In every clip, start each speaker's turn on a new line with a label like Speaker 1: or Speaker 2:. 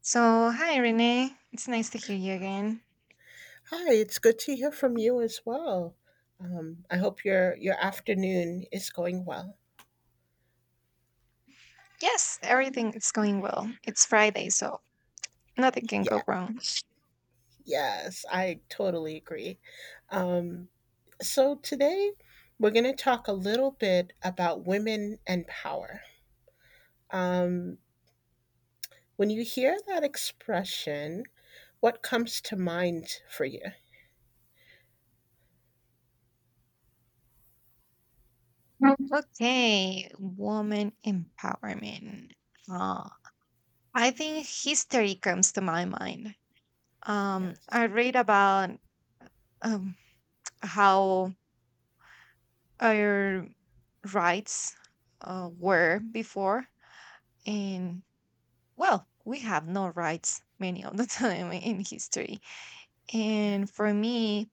Speaker 1: So, hi Renee. It's nice to hear you again.
Speaker 2: Hi, it's good to hear from you as well. I hope your afternoon is going well.
Speaker 1: Yes, everything is going well. It's Friday, so nothing can
Speaker 2: Yeah,
Speaker 1: go wrong.
Speaker 2: yes, I totally agree. Um, so today we're going to talk a little bit about women and power. Um, when you hear that expression, what comes to mind for you?
Speaker 1: Okay, woman empowerment. Uh, I think history comes to my mind.
Speaker 2: Yes.
Speaker 1: I read about um, how our rights were before, and well, we have no rights many of the time in history. And for me,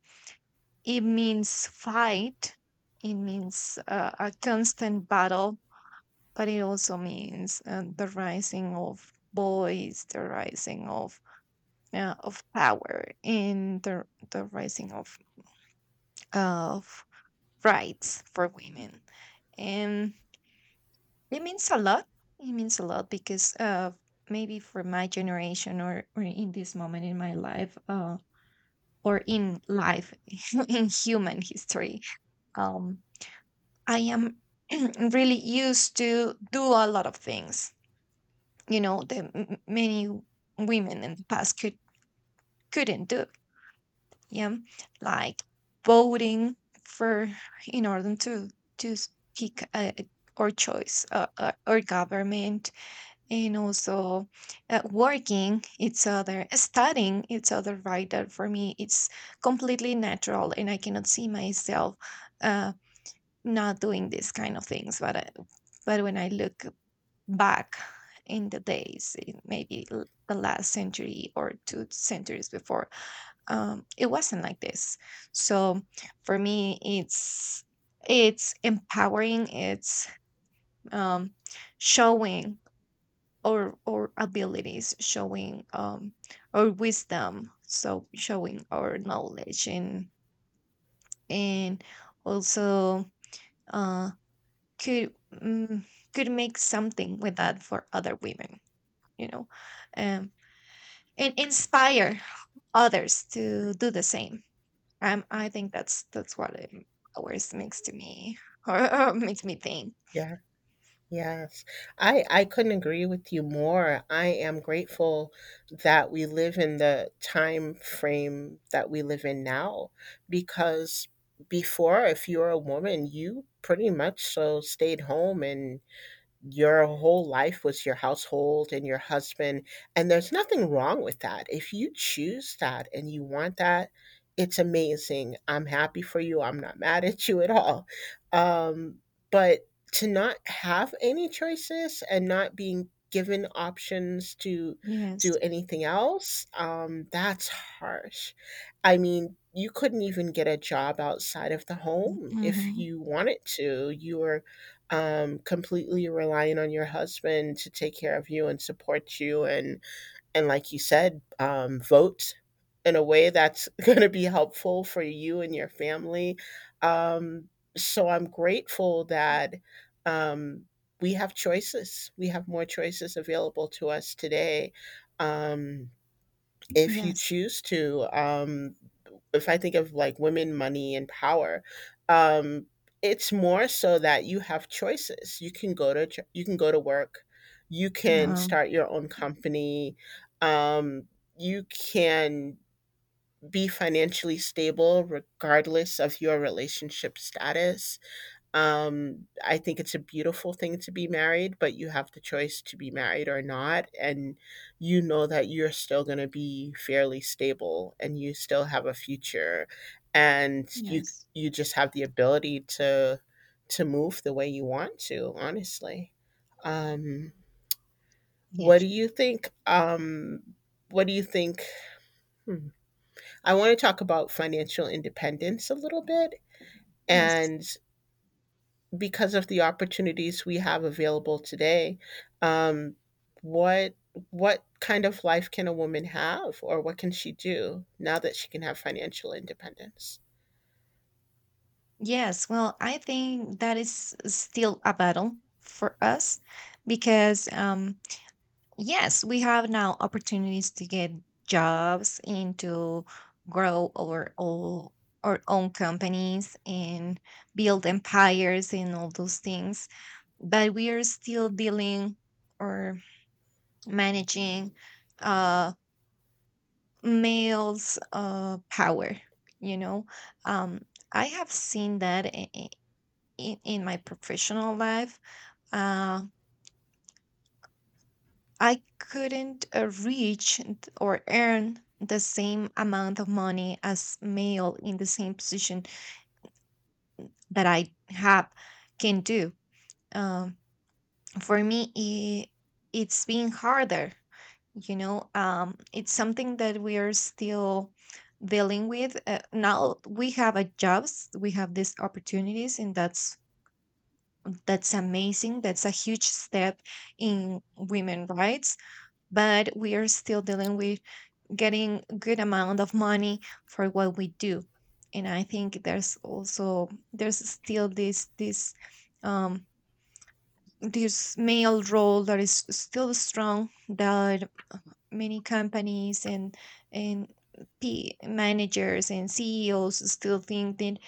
Speaker 1: it means fight, it means a constant battle, but it also means the rising of voice, the rising of power, and the rising of rights for women. And it means a lot. It means a lot because maybe for my generation or in this moment in my life or in life in human history, um, I am really used to do a lot of things, that many women in the past couldn't do. Yeah, like voting for in order to pick a, or choice or government, and also working each other, studying each other. Right, that for me it's completely natural, and I cannot see myself. Uh, Not doing these kind of things but when I look back in the days in maybe the last century or two centuries before. It wasn't like this, so for me it's empowering, it's um, showing our abilities, showing our wisdom, so showing our knowledge and also uh, could could make something with that for other women, you know, um, and inspire others to do the same. I think that's what it always makes to me or makes me think.
Speaker 2: Yeah. Yes. I couldn't agree with you more. I am grateful that we live in the time frame that we live in now, because before, if you were a woman, you pretty much so stayed home and your whole life was your household and your husband. And there's nothing wrong with that. If you choose that and you want that, it's amazing. I'm happy for you. I'm not mad at you at all. Um, but to not have any choices and not being given options to
Speaker 1: Yes.
Speaker 2: do anything else, that's harsh. I mean, you couldn't even get a job outside of the home if
Speaker 1: Hmm.
Speaker 2: you wanted to. You were completely relying on your husband to take care of you and support you, and like you said, vote in a way that's going to be helpful for you and your family, um so I'm grateful that um we have choices, we have more choices available to us today. Um if you
Speaker 1: Yes.
Speaker 2: choose to If I think of like women, money, and power, um it's more so that you have choices. You can go to work, you can
Speaker 1: Yeah.
Speaker 2: start your own company, um you can be financially stable regardless of your relationship status. I think it's a beautiful thing to be married, but you have the choice to be married or not. And you know that you're still going to be fairly stable and you still have a future. And you,
Speaker 1: yes
Speaker 2: just have the ability to, move the way you want to, honestly. Um, what do
Speaker 1: Yes.
Speaker 2: you think? Um, what do you think? Hmm. I want to talk about financial independence a little bit.
Speaker 1: Yes.
Speaker 2: And because of the opportunities we have available today, um, what what kind of life can a woman have, or what can she do now that she can have financial independence?
Speaker 1: Yes, well, I think that is still a battle for us because yes, we have now opportunities to get jobs and to grow our all our own companies and build empires and all those things. But we are still dealing or managing uh males power, you know. Um I have seen that in my professional life. Uh I couldn't or earn the same amount of money as male in the same position that I have can do. Um, for me, it's been harder. You know, it's something that we are still dealing with. Now we have a jobs, we have these opportunities, and that's amazing. That's a huge step in women rights, but we are still dealing with getting good amount of money for what we do. And I think there's also there's still this um this male role that is still strong, that many companies and P managers and CEOs still think that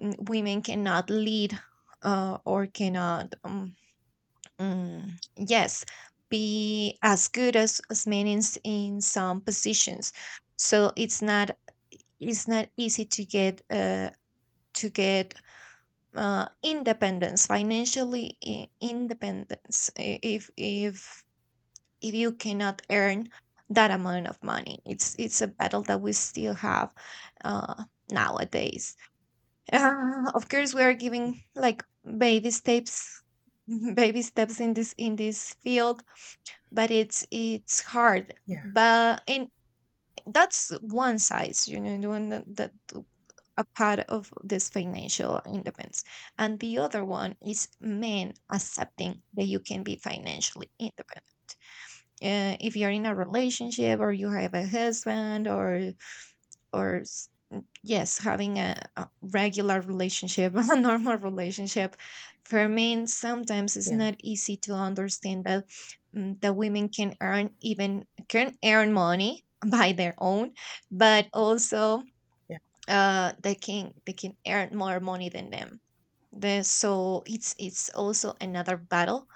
Speaker 1: women cannot lead or cannot mm, yes be as good as men in, in some positions. So it's not easy to get to get independence financially, independence, if you cannot earn that amount of money. It's a battle that we still have uh, nowadays. Uh, of course we are giving like baby steps, baby steps in this field, but it's hard.
Speaker 2: Yeah,
Speaker 1: But in that's one side, you know, the one that, that a part of this financial independence. And the other one is men accepting that you can be financially independent. If you're in a relationship or you have a husband or yes, having a regular relationship, a normal relationship, for men sometimes it's
Speaker 2: yeah,
Speaker 1: not easy to understand that that women can earn, even can earn money by their own, but also
Speaker 2: yeah,
Speaker 1: they can earn more money than them. The, so it's also another battle,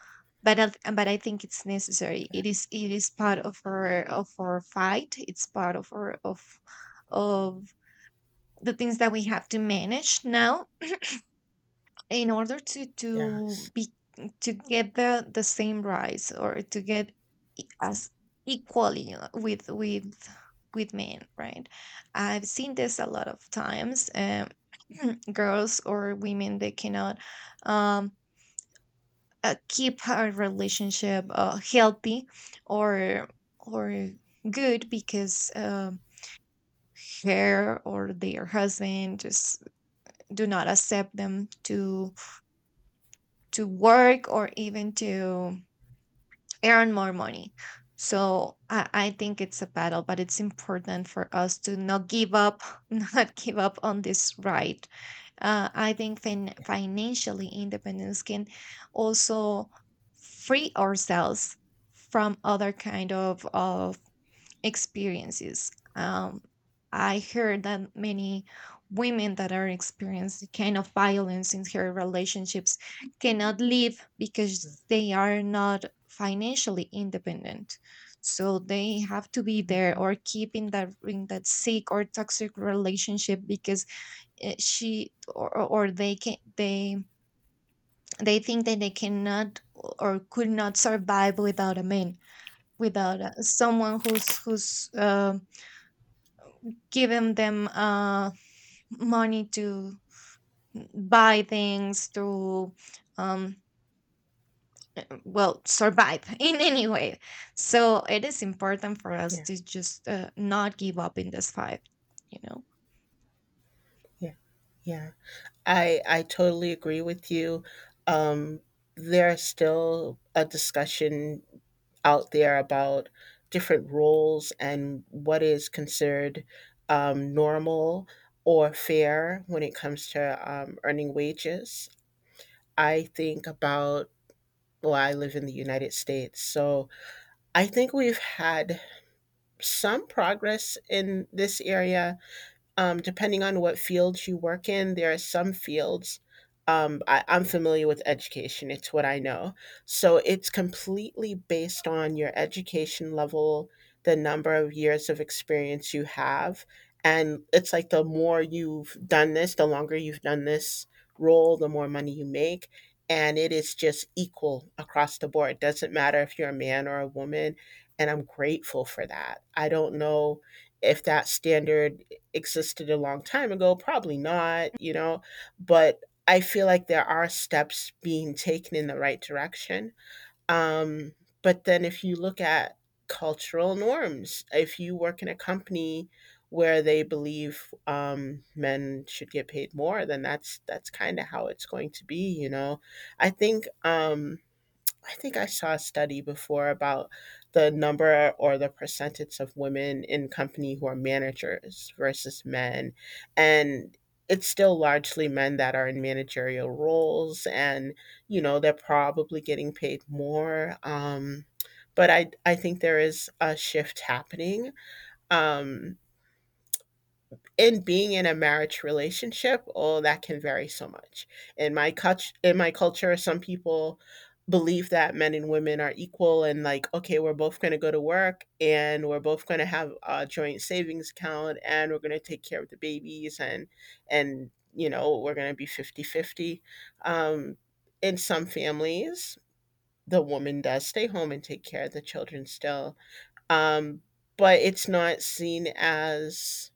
Speaker 1: but I think it's necessary.
Speaker 2: yeah,
Speaker 1: It is part of our fight. It's part of our of the things that we have to manage now in order to
Speaker 2: yes,
Speaker 1: be to get the same rise or to get as equally with men, right. I've seen this a lot of times, girls or women they cannot um keep a relationship healthy or or good because her or their husband just do not accept them to work or even to earn more money. So I think it's a battle, but it's important for us to not give up, not give up on this right. Uh, I think financially independence can also free ourselves from other kind of experiences. Um, I heard that many women that are experiencing kind of violence in their relationships cannot live because they are not financially independent. So they have to be there or keep in that sick or toxic relationship because she or they can they think that they cannot or could not survive without a man, without someone who's who's given them money to buy things to um, well, survive in any way. So it is important for us
Speaker 2: yeah,
Speaker 1: to just not give up in this fight, you know.
Speaker 2: yeah, yeah. I totally agree with you. Um, there's still a discussion out there about different roles and what is considered normal or fair when it comes to earning wages. I think about, well, I live in the United States, so I think we've had some progress in this area, depending on what fields you work in. There are some fields. I'm familiar with education, it's what I know. So it's completely based on your education level, the number of years of experience you have. And it's like the more you've done this, the longer you've done this role, the more money you make. And it is just equal across the board. It doesn't matter if you're a man or a woman. And I'm grateful for that. I don't know if that standard existed a long time ago. Probably not, but I feel like there are steps being taken in the right direction. Um, but then, if you look at cultural norms, if you work in a company where they believe men should get paid more, then that's kind of how it's going to be. I think um, I think I saw a study before about the number or the percentage of women in company who are managers versus men. And it's still largely men that are in managerial roles, and they're probably getting paid more. But I think there is a shift happening. Um, in being in a marriage relationship, oh, that can vary so much. In my culture, some people believe that men and women are equal, and, like, okay, we're both going to go to work, and we're both going to have a joint savings account, and we're going to take care of the babies, and we're going to be 50-50. Um in some families, the woman does stay home and take care of the children still. Um but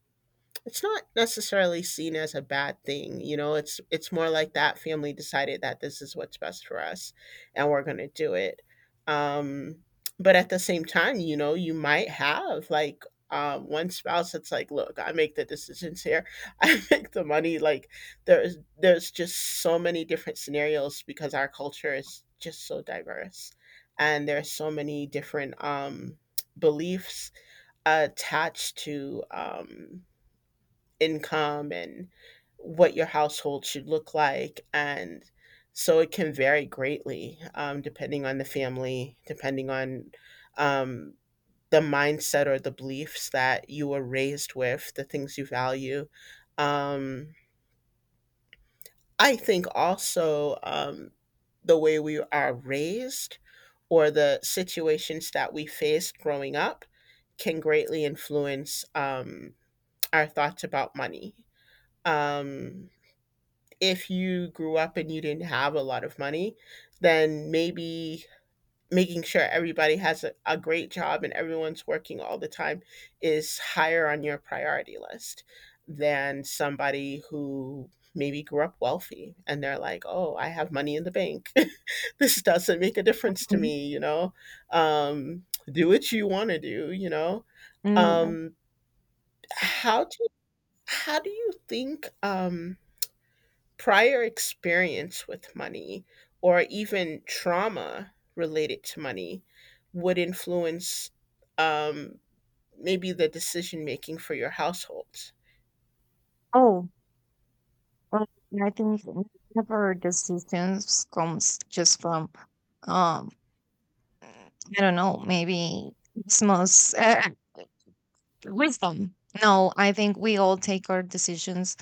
Speaker 2: it's not necessarily seen as a bad thing. It's more like that family decided that this is what's best for us, and we're going to do it. um but at the same time, you might have, like, one spouse that's like, look, I make the decisions here, I make the money, like, there's just so many different scenarios because our culture is just so diverse, and there's so many different beliefs attached to income and what your household should look like. And so it can vary greatly, depending on the family, depending on um, the mindset or the beliefs that you were raised with, the things you value. Um, I think also, the way we are raised or the situations that we faced growing up can greatly influence our thoughts about money. Um, if you grew up and you didn't have a lot of money, then maybe making sure everybody has a great job and everyone's working all the time is higher on your priority list than somebody who maybe grew up wealthy and they're like, oh, I have money in the bank. This doesn't make a difference to
Speaker 1: Mhm.
Speaker 2: me, you know? Um, do what you want to do, you know?
Speaker 1: Mm, yeah.
Speaker 2: Um, how do how do you think prior experience with money or even trauma related to money would influence, um, maybe the decision making for your household.
Speaker 1: Oh, well, I think never decisions comes just from um I don't know, maybe smells, wisdom. No, I think we all take our decisions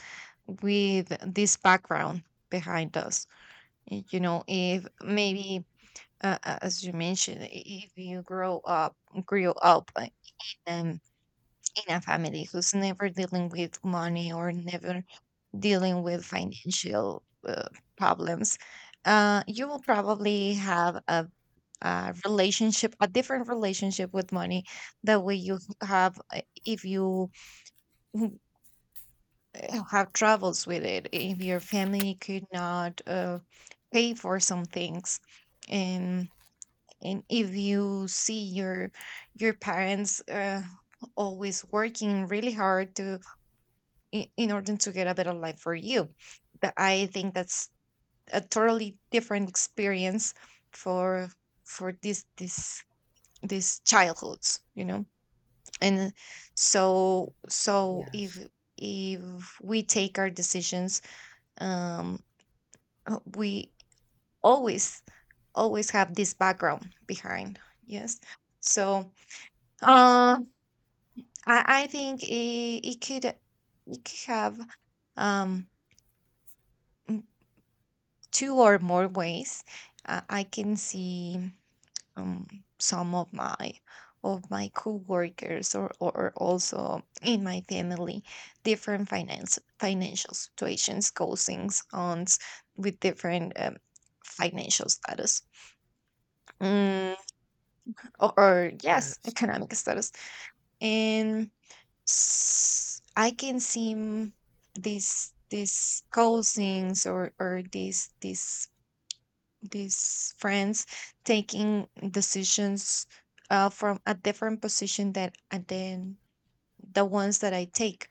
Speaker 1: with this background behind us. You know, if maybe, as you mentioned, if you grew up like, um, in a family who's never dealing with money or never dealing with financial problems, you will probably have a a different relationship with money that way you have if you have troubles with it, if your family could not pay for some things, and and if you see your parents always working really hard to in order to get a better life for you, that I think that's a totally different experience for for this this childhoods, you know. And so so
Speaker 2: Yes,
Speaker 1: if we take our decisions um we always always have this background behind, yes, so uh I think it could have um mm, two or more ways. Uh, I can see um, some of my coworkers or also in my family different finance financial situations, cousins, aunts, with different financial status, mm, or yes,
Speaker 2: yes,
Speaker 1: economic status. And I can see these cousins or these these friends taking decisions from a different position than and then the ones that I take.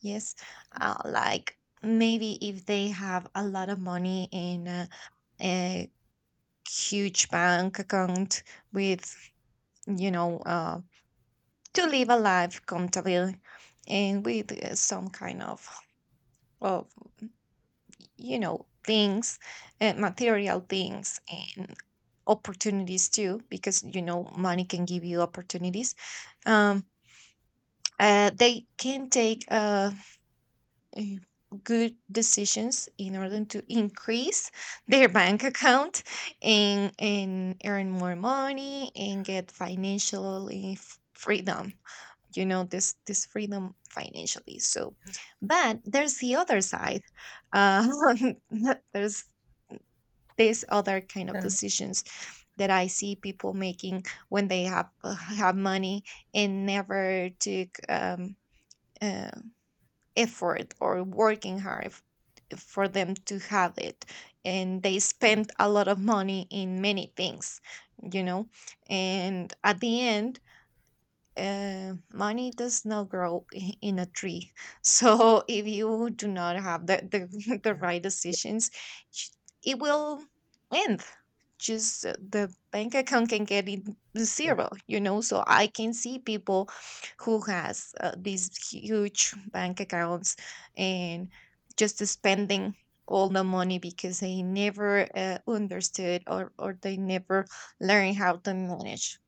Speaker 1: Yes, like maybe if they have a lot of money in a huge bank account with, you know, to live a life comfortable, and with some kind of, you know, things, material things and opportunities too, because you know money can give you opportunities. um they can take eh, good decisions in order to increase their bank account and earn more money and get financial freedom, you know, this freedom financially. So but there's the other side, uh there's these other kind of
Speaker 2: yeah,
Speaker 1: decisions that I see people making when they have money and never took uh, effort or working hard for them to have it, and they
Speaker 2: yeah,
Speaker 1: spent a lot of money in many things, you know, and at the end. Money does not grow in a tree. So if you do not have the, the
Speaker 2: yeah,
Speaker 1: right
Speaker 2: yeah,
Speaker 1: decisions, it will end just, the bank account can get in
Speaker 2: yeah,
Speaker 1: zero, you know. So I can see people who has these huge bank accounts and just spending all the money because they never understood or they never learned how to manage,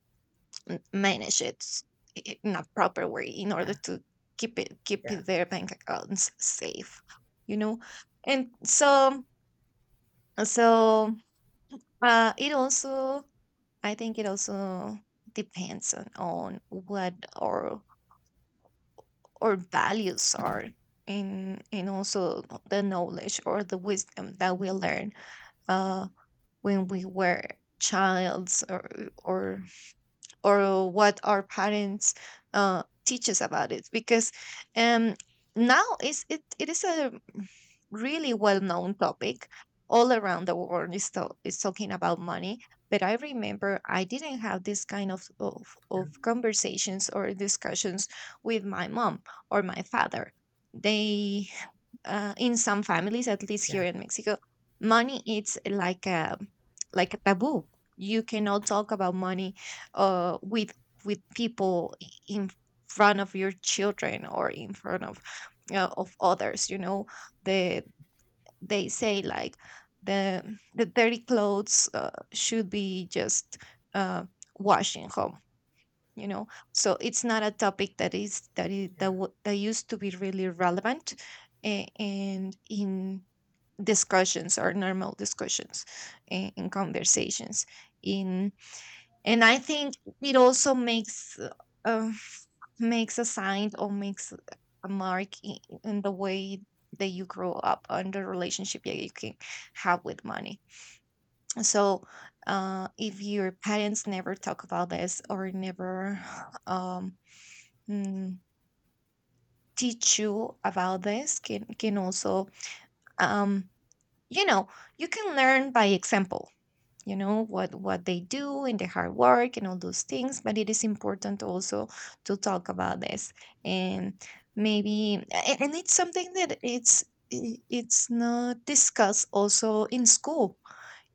Speaker 1: manage it in a proper way in order
Speaker 2: yeah,
Speaker 1: to
Speaker 2: yeah,
Speaker 1: keep
Speaker 2: yeah,
Speaker 1: it their bank accounts safe, you know. And so so it also, I think it also depends on what our our values are, and also the knowledge or the wisdom that we learn uh when we were childs or or what our parents teach us about it, because um, now is it, it is a really well known topic all around the world is, is talking about money. But I remember I didn't have this kind of conversations or discussions with my mom or my father. They in some families, at least
Speaker 2: yeah,
Speaker 1: here in Mexico, money it's like a taboo. You cannot talk about money uh, with with people in front of your children or in front of others. The they say like the the dirty clothes should be just uh, washed home you know so it's not a topic that is that is that,
Speaker 2: yeah,
Speaker 1: w- that used to be really relevant and in discussions or normal discussions, in conversations in And I think it also makes uh, makes a sign or makes a mark in the way that you grow up and the relationship that you can have with money. So if your parents never talk about this or never um, mm, teach you about this can also, um you know, you can learn by example. You know what they do and the hard work and all those things, but it is important also to talk about this. And maybe and it's something that it's not discussed also in school.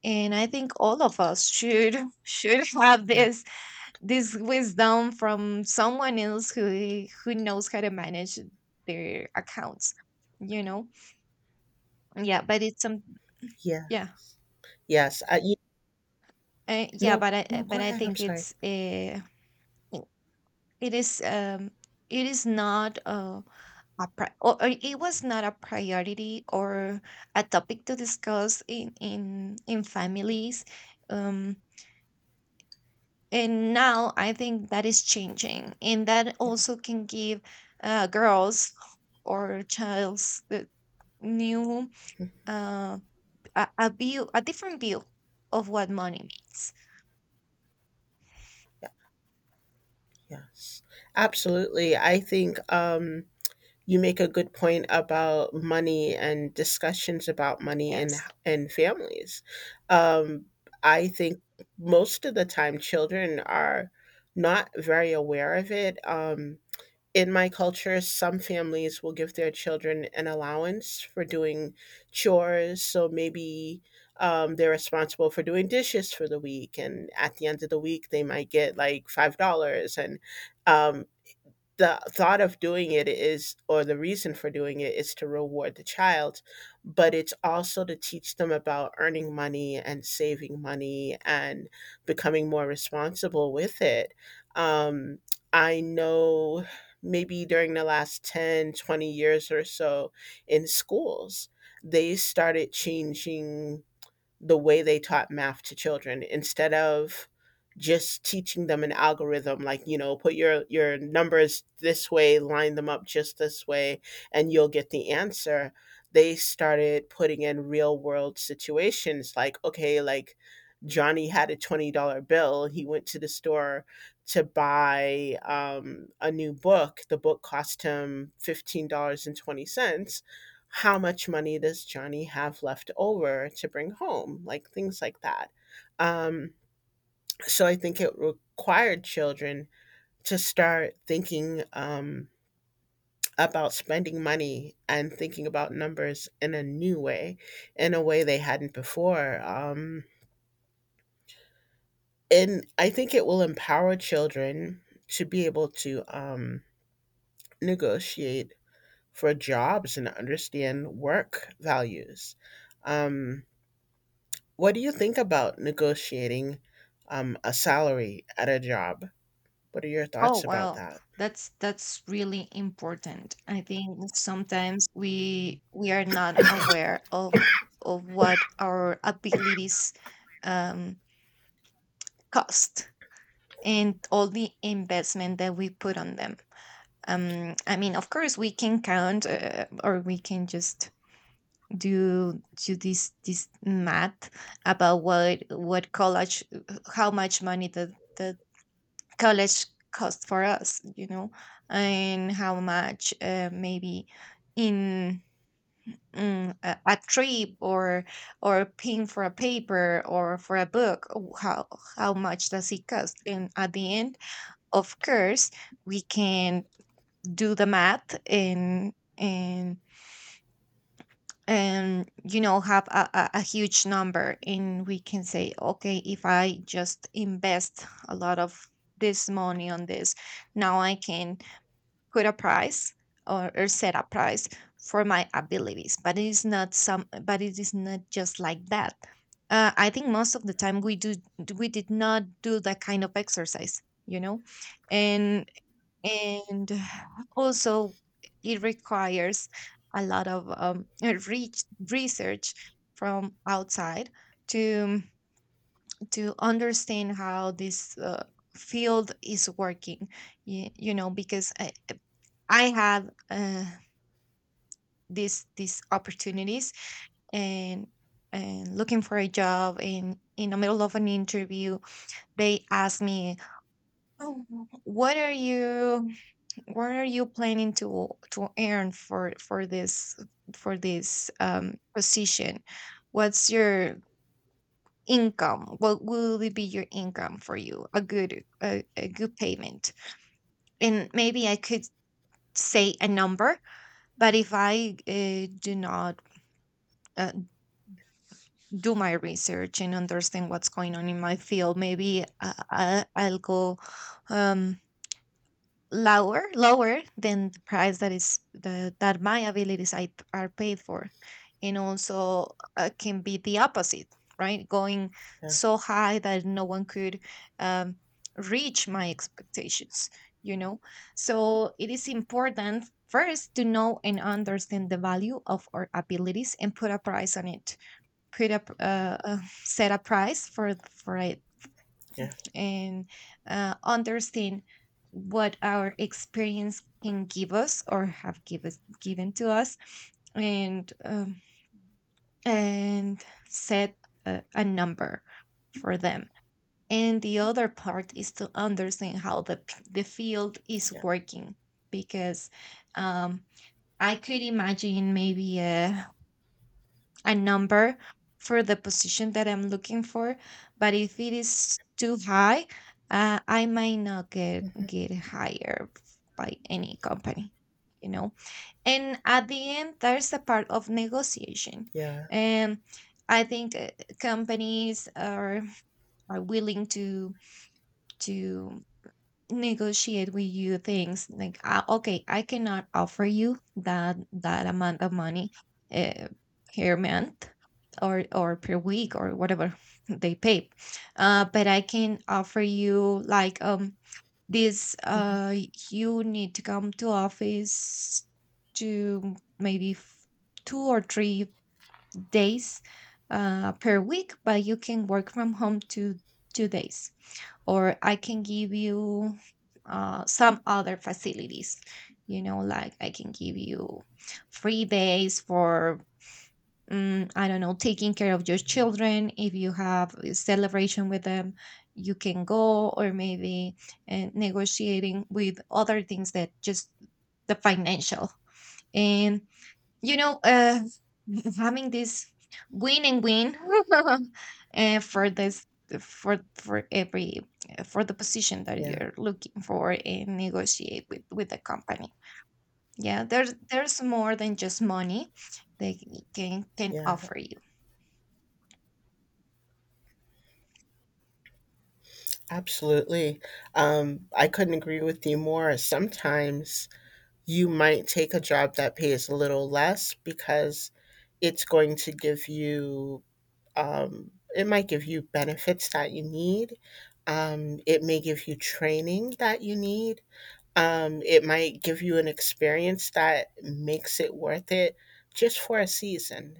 Speaker 1: And I think all of us should should have
Speaker 2: yeah, yeah.
Speaker 1: this wisdom from someone else who knows how to manage their accounts you know yeah, but it's some yeah
Speaker 2: Yes, yes.
Speaker 1: yeah,
Speaker 2: No, no. Go
Speaker 1: but I
Speaker 2: ahead. I'm
Speaker 1: think
Speaker 2: sorry.
Speaker 1: i- it is, it is not a pri- or it was not a priority, or a topic to discuss in families. um and now I think that is changing, and that
Speaker 2: Yeah.
Speaker 1: also can give girls or childs the new,
Speaker 2: Mhm.
Speaker 1: uh, a view, a different view of what money means.
Speaker 2: Yes, absolutely. I think. You make a good point about money and discussions about money in
Speaker 1: Yes.
Speaker 2: in families. Um, I think most of the time children are not very aware of it. In my culture, some families will give their children an allowance for doing chores. So maybe they're responsible for doing dishes for the week, and at the end of the week, they might get like $5, and um, the thought of doing it is, or the reason for doing it is, to reward the child, but it's also to teach them about earning money and saving money and becoming more responsible with it. um, I know maybe during the last 10, 20 years or so in schools, they started changing the way they taught math to children, instead of just teaching them an algorithm, like, put your numbers this way, line them up just this way, and you'll get the answer. They started putting in real world situations, like, okay, like, Johnny had a $20 bill. He went to the store to buy a new book. The book cost him $15.20. How much money does Johnny have left over to bring home? Like, things like that. Um, so I think it required children to start thinking, about spending money and thinking about numbers in a new way, in a way they hadn't before. And I think it will empower children to be able to, negotiate for jobs and understand work values. Um, What do you think about negotiating, a salary at a job? What are your
Speaker 1: Oh
Speaker 2: thoughts about
Speaker 1: wow,
Speaker 2: that?
Speaker 1: that's really important. I think sometimes we are not aware of what our abilities, um cost, and all the investment that we put on them. I mean, of course we can count, or we can just do this math about what college, how much money the college cost for us, you know. And how much maybe in a trip, or paying for a paper or for a book, how how much does it cost. And at the end, of course, we can do the math and, you know, have a huge number, and we can say okay, if I just invest a lot of this money on this, now I can put a price, or set a price for my abilities. But it is not just like that. I think most of the time we did not do that kind of exercise, you know. And and also it requires a lot of research from outside to to understand how this field is working, you know. Because I had these opportunities, and looking for a job, and in the middle of an interview they asked me, oh, what are you what are you planning to earn for this, position. What's your income? What will it be your income for you, a good, a good payment. And maybe I could say a number, but if I do not uh, do my research and understand what's going on in my field, maybe I'll go, um lower than the price that my are paid for. And also, can be the opposite, right, going
Speaker 2: Yeah,
Speaker 1: so high that no one could, um, reach my expectations, you know. So it is important first to know and understand the value of our abilities and put a price on it, put a pr- uh, uh, set a price for it.
Speaker 2: yeah,
Speaker 1: And understand what our experience can give us given to us, and um, and set a number for them. And the other part is to understand how the field is
Speaker 2: yeah.
Speaker 1: working. Because um, I could imagine maybe a number for the position that I'm looking for, but if it is too high, I might not
Speaker 2: Mhm.
Speaker 1: get hired by any company, you know. And at the end, there's a part of negotiation.
Speaker 2: Yeah.
Speaker 1: Um, I think companies are willing to negotiate with you things like, okay, I cannot offer you that amount of money uh, per month, or per week, or whatever they pay, but I can offer you like this
Speaker 2: Mhm.
Speaker 1: you need to come to office to maybe 2 or 3 days per week, but you can work from home two days, or I can give you some other facilities. You know, like I can give you free days for, mm, I don't know, taking care of your children. If you have a celebration with them, you can go, or maybe negotiating with other things that just the financial. And you know, having this win and win uh, for this for every, for the position that
Speaker 2: Yeah,
Speaker 1: you're looking for, and negotiate with the company. Yeah, there's more than just money they can
Speaker 2: yeah,
Speaker 1: offer you.
Speaker 2: absolutely. I couldn't agree with you more. Sometimes you might take a job that pays a little less because it's going to give you benefits that you need. It may give you training that you need. It might give you an experience that makes it worth it just for a season.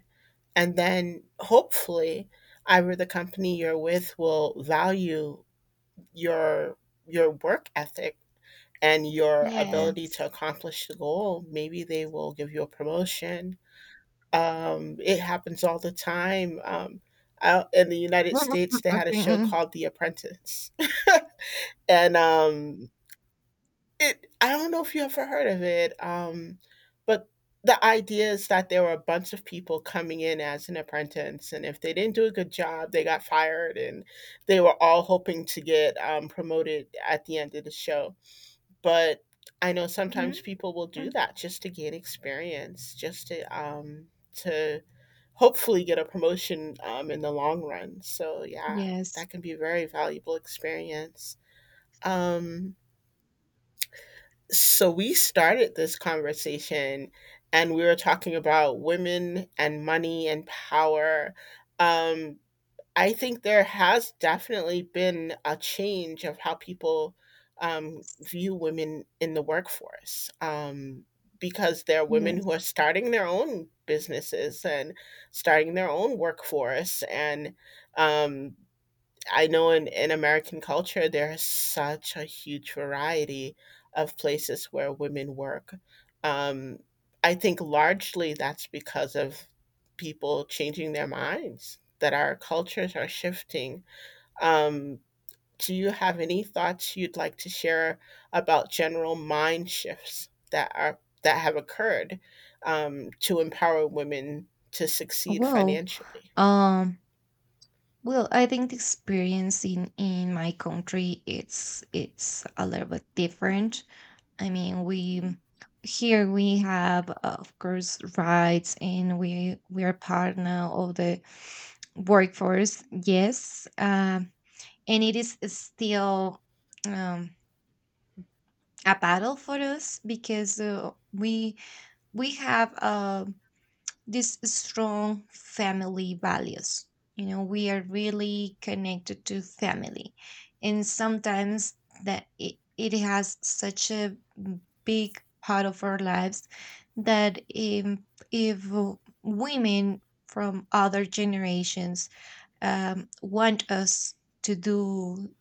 Speaker 2: And then hopefully either the company you're with will value your your work ethic and your
Speaker 1: Yeah.
Speaker 2: ability to accomplish the goal. Maybe they will give you a promotion. It happens all the time. Out in the United
Speaker 1: Mhm, mhm,
Speaker 2: States, they had a
Speaker 1: okay,
Speaker 2: show
Speaker 1: mm.
Speaker 2: called The Apprentice. and it I don't know if you ever heard of it, but the idea is that there were a bunch of people coming in as an apprentice, and if they didn't do a good job, they got fired, and they were all hoping to get, promoted at the end of the show. But I know
Speaker 1: Mhm,
Speaker 2: sometimes people will do
Speaker 1: mhm.
Speaker 2: that just to gain experience, just to hopefully get a promotion, in the long run. So, yeah,
Speaker 1: Yes,
Speaker 2: that can be a very valuable experience. Um so we started this conversation and we were talking about women and money and power. Um, I think there has definitely been a change of how people view women in the workforce, because there are women who are
Speaker 1: yes.
Speaker 2: starting their own businesses and starting their own workforce, and um, I know in American culture, there is such a huge variety of places where women work. Um, I think largely that's because of people changing their minds, that our cultures are shifting. Um, do you have any thoughts you'd like to share about general mind shifts that have occurred, to empower women to succeed
Speaker 1: Well,
Speaker 2: financially?
Speaker 1: um, well, I think the experience in my country, it's a little bit different. I mean, we here we have of course rights, and we are part now of the workforce. Yes, and it is still um a battle for us, because we we have these strong family values. You know, we are really connected to family. And sometimes that it has such a big part of our lives that if women from other generations want us to do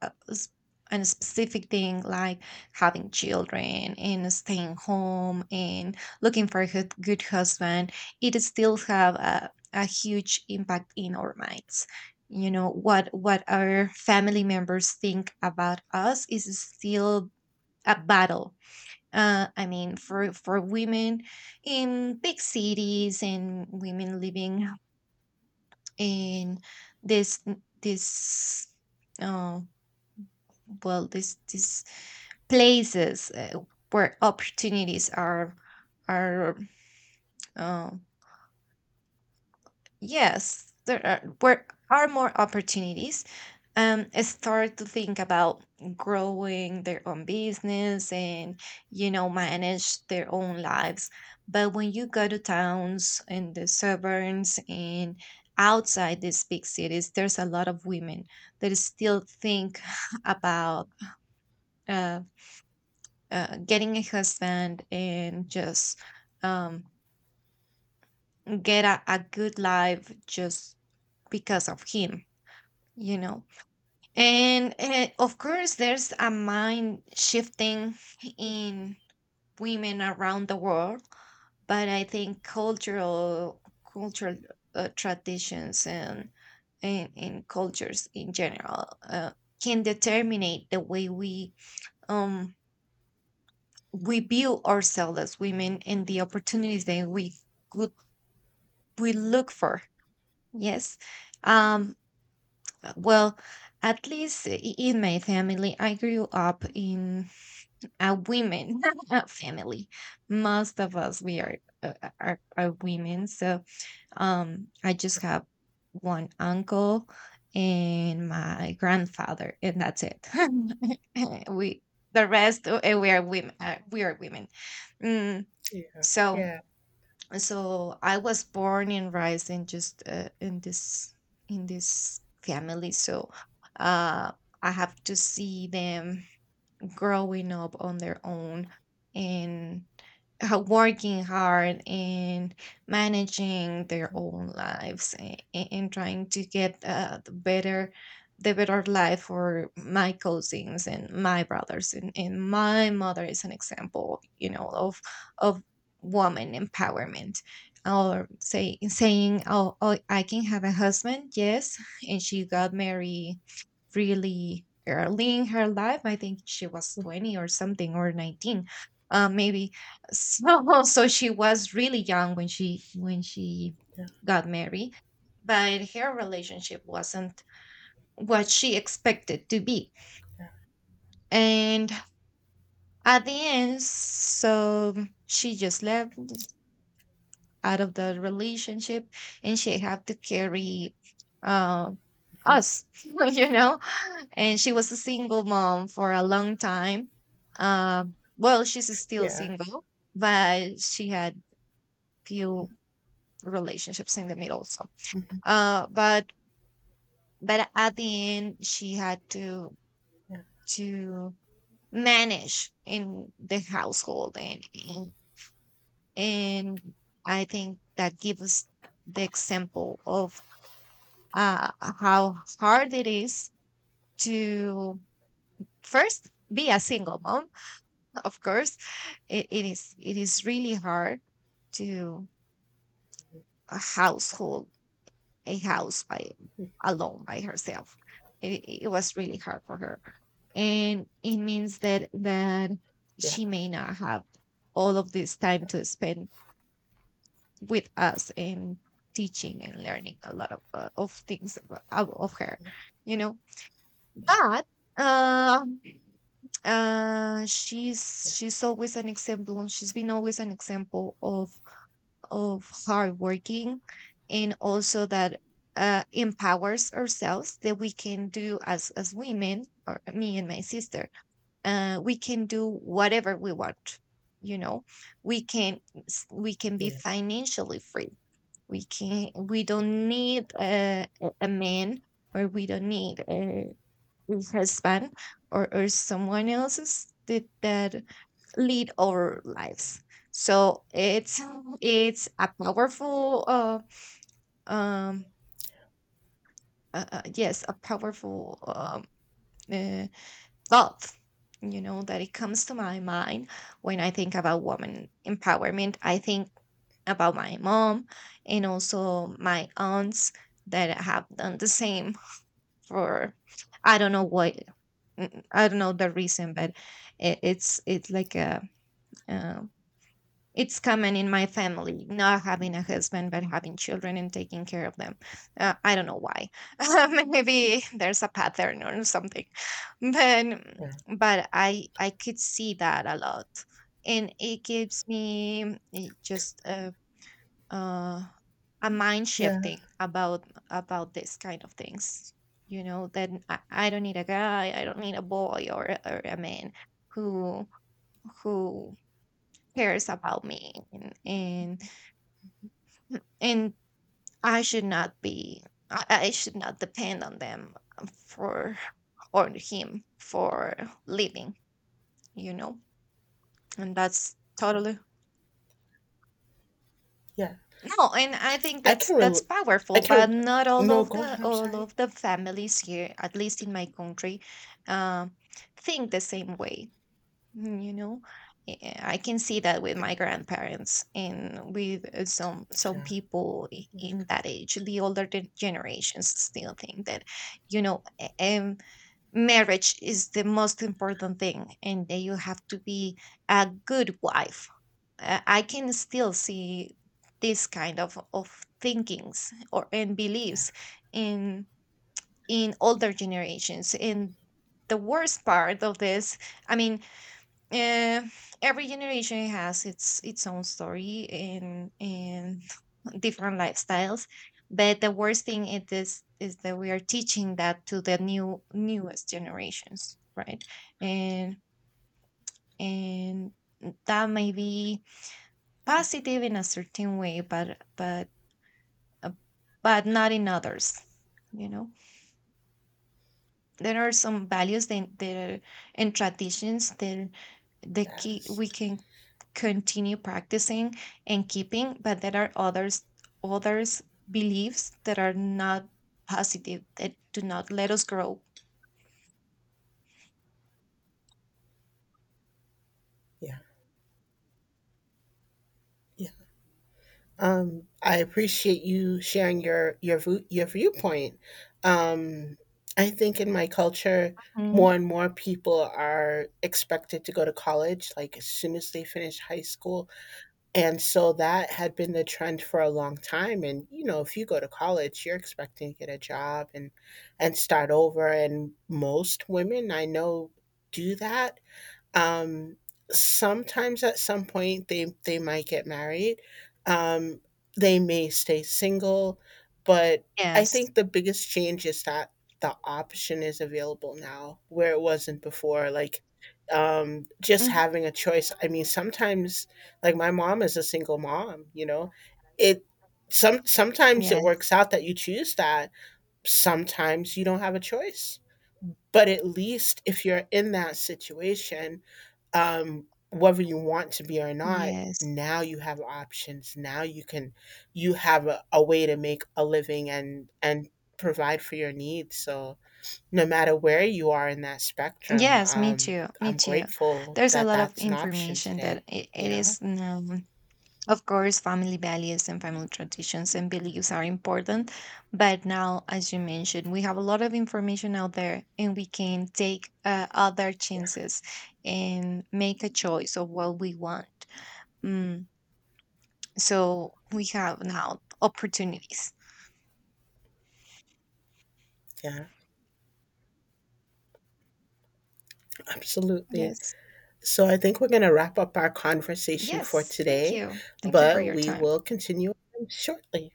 Speaker 1: s- and specific thing, like having children and staying home and looking for a good, husband, it still have a huge impact in our minds. You know what our family members think about us is still a battle. I mean, for women in big cities, and women living in this this uh, well this these places where opportunities are, uh, yes, there are where are more opportunities, start to think about growing their own business, and you know, manage their own lives. But when you go to towns and the suburbs and outside these big cities, there's a lot of women that still think about uh. Getting a husband, and just, um, get a good life just because of him, you know. And of course there's a mind shifting in women around the world, but I think cultural traditions, and cultures in general can determine the way we, um we view ourselves as women, and the opportunities that we could, we look for. Yes. um well, at least in my family, I grew up in a women family. Most of us we are, uh, are women. So I just
Speaker 2: Yeah.
Speaker 1: have one uncle and my grandfather, and that's it. We, the rest, we are women, Mm.
Speaker 2: Yeah.
Speaker 1: so
Speaker 2: Yeah.
Speaker 1: so I was born and raised in just in this, family. So uh, I have to see them growing up on their own, and working hard and managing their own lives, and trying to get the better, life for my cousins and my brothers. And my mother is an example, you know, of woman empowerment, or saying, oh, I can have a husband, yes. And she got married really early in her life, I think she was 20 or something, or 19, maybe. So she was really young when she got married, but her relationship wasn't what she expected to be. And at the end, so she just left out of the relationship, and she had to carry uh,
Speaker 2: Mhm.
Speaker 1: us, you know? And she was a single mom for a long time. Uh, well, she's still
Speaker 2: Yeah.
Speaker 1: single, but she had few relationships in the middle. So
Speaker 2: Mhm.
Speaker 1: uh but but at the end she had
Speaker 2: Yeah.
Speaker 1: to manage in the household. And and, I think that gives us the example of how hard it is to first be a single mom, of course. It is, really hard to a household, a house, by alone by herself. It was really hard for her, and it means that
Speaker 2: Yeah,
Speaker 1: she may not have all of this time to spend with us, and teaching and learning a lot of things about, of her, you know.
Speaker 2: yeah,
Speaker 1: But um,
Speaker 2: yeah,
Speaker 1: she's been always an example of hardworking, and also that empowers ourselves, that we can do as women, or me and my sister, we can do whatever we want, you know, we can we can be
Speaker 2: yeah,
Speaker 1: financially free, we
Speaker 2: goodness.
Speaker 1: don't need a man, or we don't need with husband, or, someone else's that, lead our lives. So it's a powerful, um yes, a powerful uh, thought, you know, that it comes to my mind when I think about woman empowerment, I think about my mom and also my aunts that have done the same for, I don't know what. Mm, I don't know the reason, but it's like a, uh, it's common in my family, not having a husband but having children and taking care of them. I don't know why. Maybe there's a pattern or something, but
Speaker 2: Yeah,
Speaker 1: I could see that a lot, and it gives me, mm, it just. Uh, a mind
Speaker 2: yeah,
Speaker 1: shifting about this kind of things. You know, then I don't need a guy, I don't need a boy, or, or a man who who cares about me, and I should not be, I, I should not depend on them, for or him for living. You know, and that's
Speaker 2: yeah,
Speaker 1: totally.
Speaker 2: yeah.
Speaker 1: No, and I think
Speaker 2: I
Speaker 1: that's
Speaker 2: can
Speaker 1: that's
Speaker 2: rel- I
Speaker 1: powerful,
Speaker 2: can.
Speaker 1: but not all
Speaker 2: No,
Speaker 1: of
Speaker 2: go
Speaker 1: the
Speaker 2: ahead. I'm
Speaker 1: all
Speaker 2: sorry.
Speaker 1: of the families here, at least in my country, um, think the same way. Mm, you know. I can see that with my grandparents and with some
Speaker 2: Yeah,
Speaker 1: people in that age. The older generations still think that, you know, um, marriage is the most important thing, and that you have to be a good wife. I can still see this kind of thinkings or and
Speaker 2: yeah,
Speaker 1: beliefs in in older generations. And the worst part of this, I mean, uh, every generation has its own story, and different lifestyles. But the worst thing it is that we are teaching that to the newest generations, right? And and that may be positive in a certain way, but uh, but not in others, you know. There are some values then there and traditions that the key
Speaker 2: yes,
Speaker 1: we can continue practicing and keeping, but there are others beliefs that are not positive, that do not let us grow.
Speaker 2: yeah, yeah. I appreciate you sharing your viewpoint. Um, I think in my culture, more
Speaker 1: Mhm.
Speaker 2: and more people are expected to go to college. Like, as soon as they finish high school. And so that had been the trend for a long time and, if you go to college, you're expecting to get a job and start over, and most women I know do that, um, sometimes at some point they might get married. Um, they may stay single, but I
Speaker 1: Yes.
Speaker 2: think the biggest change is that the option is available now where it wasn't before. Like, just
Speaker 1: Mhm.
Speaker 2: having a choice. I mean, sometimes like my mom is a single mom. It some sometimes it works
Speaker 1: Yes,
Speaker 2: out that you choose that. Sometimes you don't have a choice. But at least if you're in that situation, whether you want to be or not,
Speaker 1: yes.
Speaker 2: now you have options. Now you have a way to make a living and provide for your needs. So no matter where you are in that spectrum,
Speaker 1: Yes, me too. Me
Speaker 2: I'm
Speaker 1: too.
Speaker 2: grateful
Speaker 1: There's a
Speaker 2: that
Speaker 1: lot of
Speaker 2: that's an option
Speaker 1: information that
Speaker 2: today. You
Speaker 1: it
Speaker 2: know.
Speaker 1: is now. Of course, family values and family traditions and beliefs are important. But now, as you mentioned, we have a lot of information out there, and we can take other
Speaker 2: Yeah,
Speaker 1: chances and make a choice of what we want. Mm, so we have now opportunities.
Speaker 2: yeah, absolutely.
Speaker 1: Yes.
Speaker 2: So I think we're going to wrap up our conversation for
Speaker 1: Yes. Thank
Speaker 2: today,
Speaker 1: you. Thank you for
Speaker 2: but
Speaker 1: your
Speaker 2: we
Speaker 1: time.
Speaker 2: will continue shortly.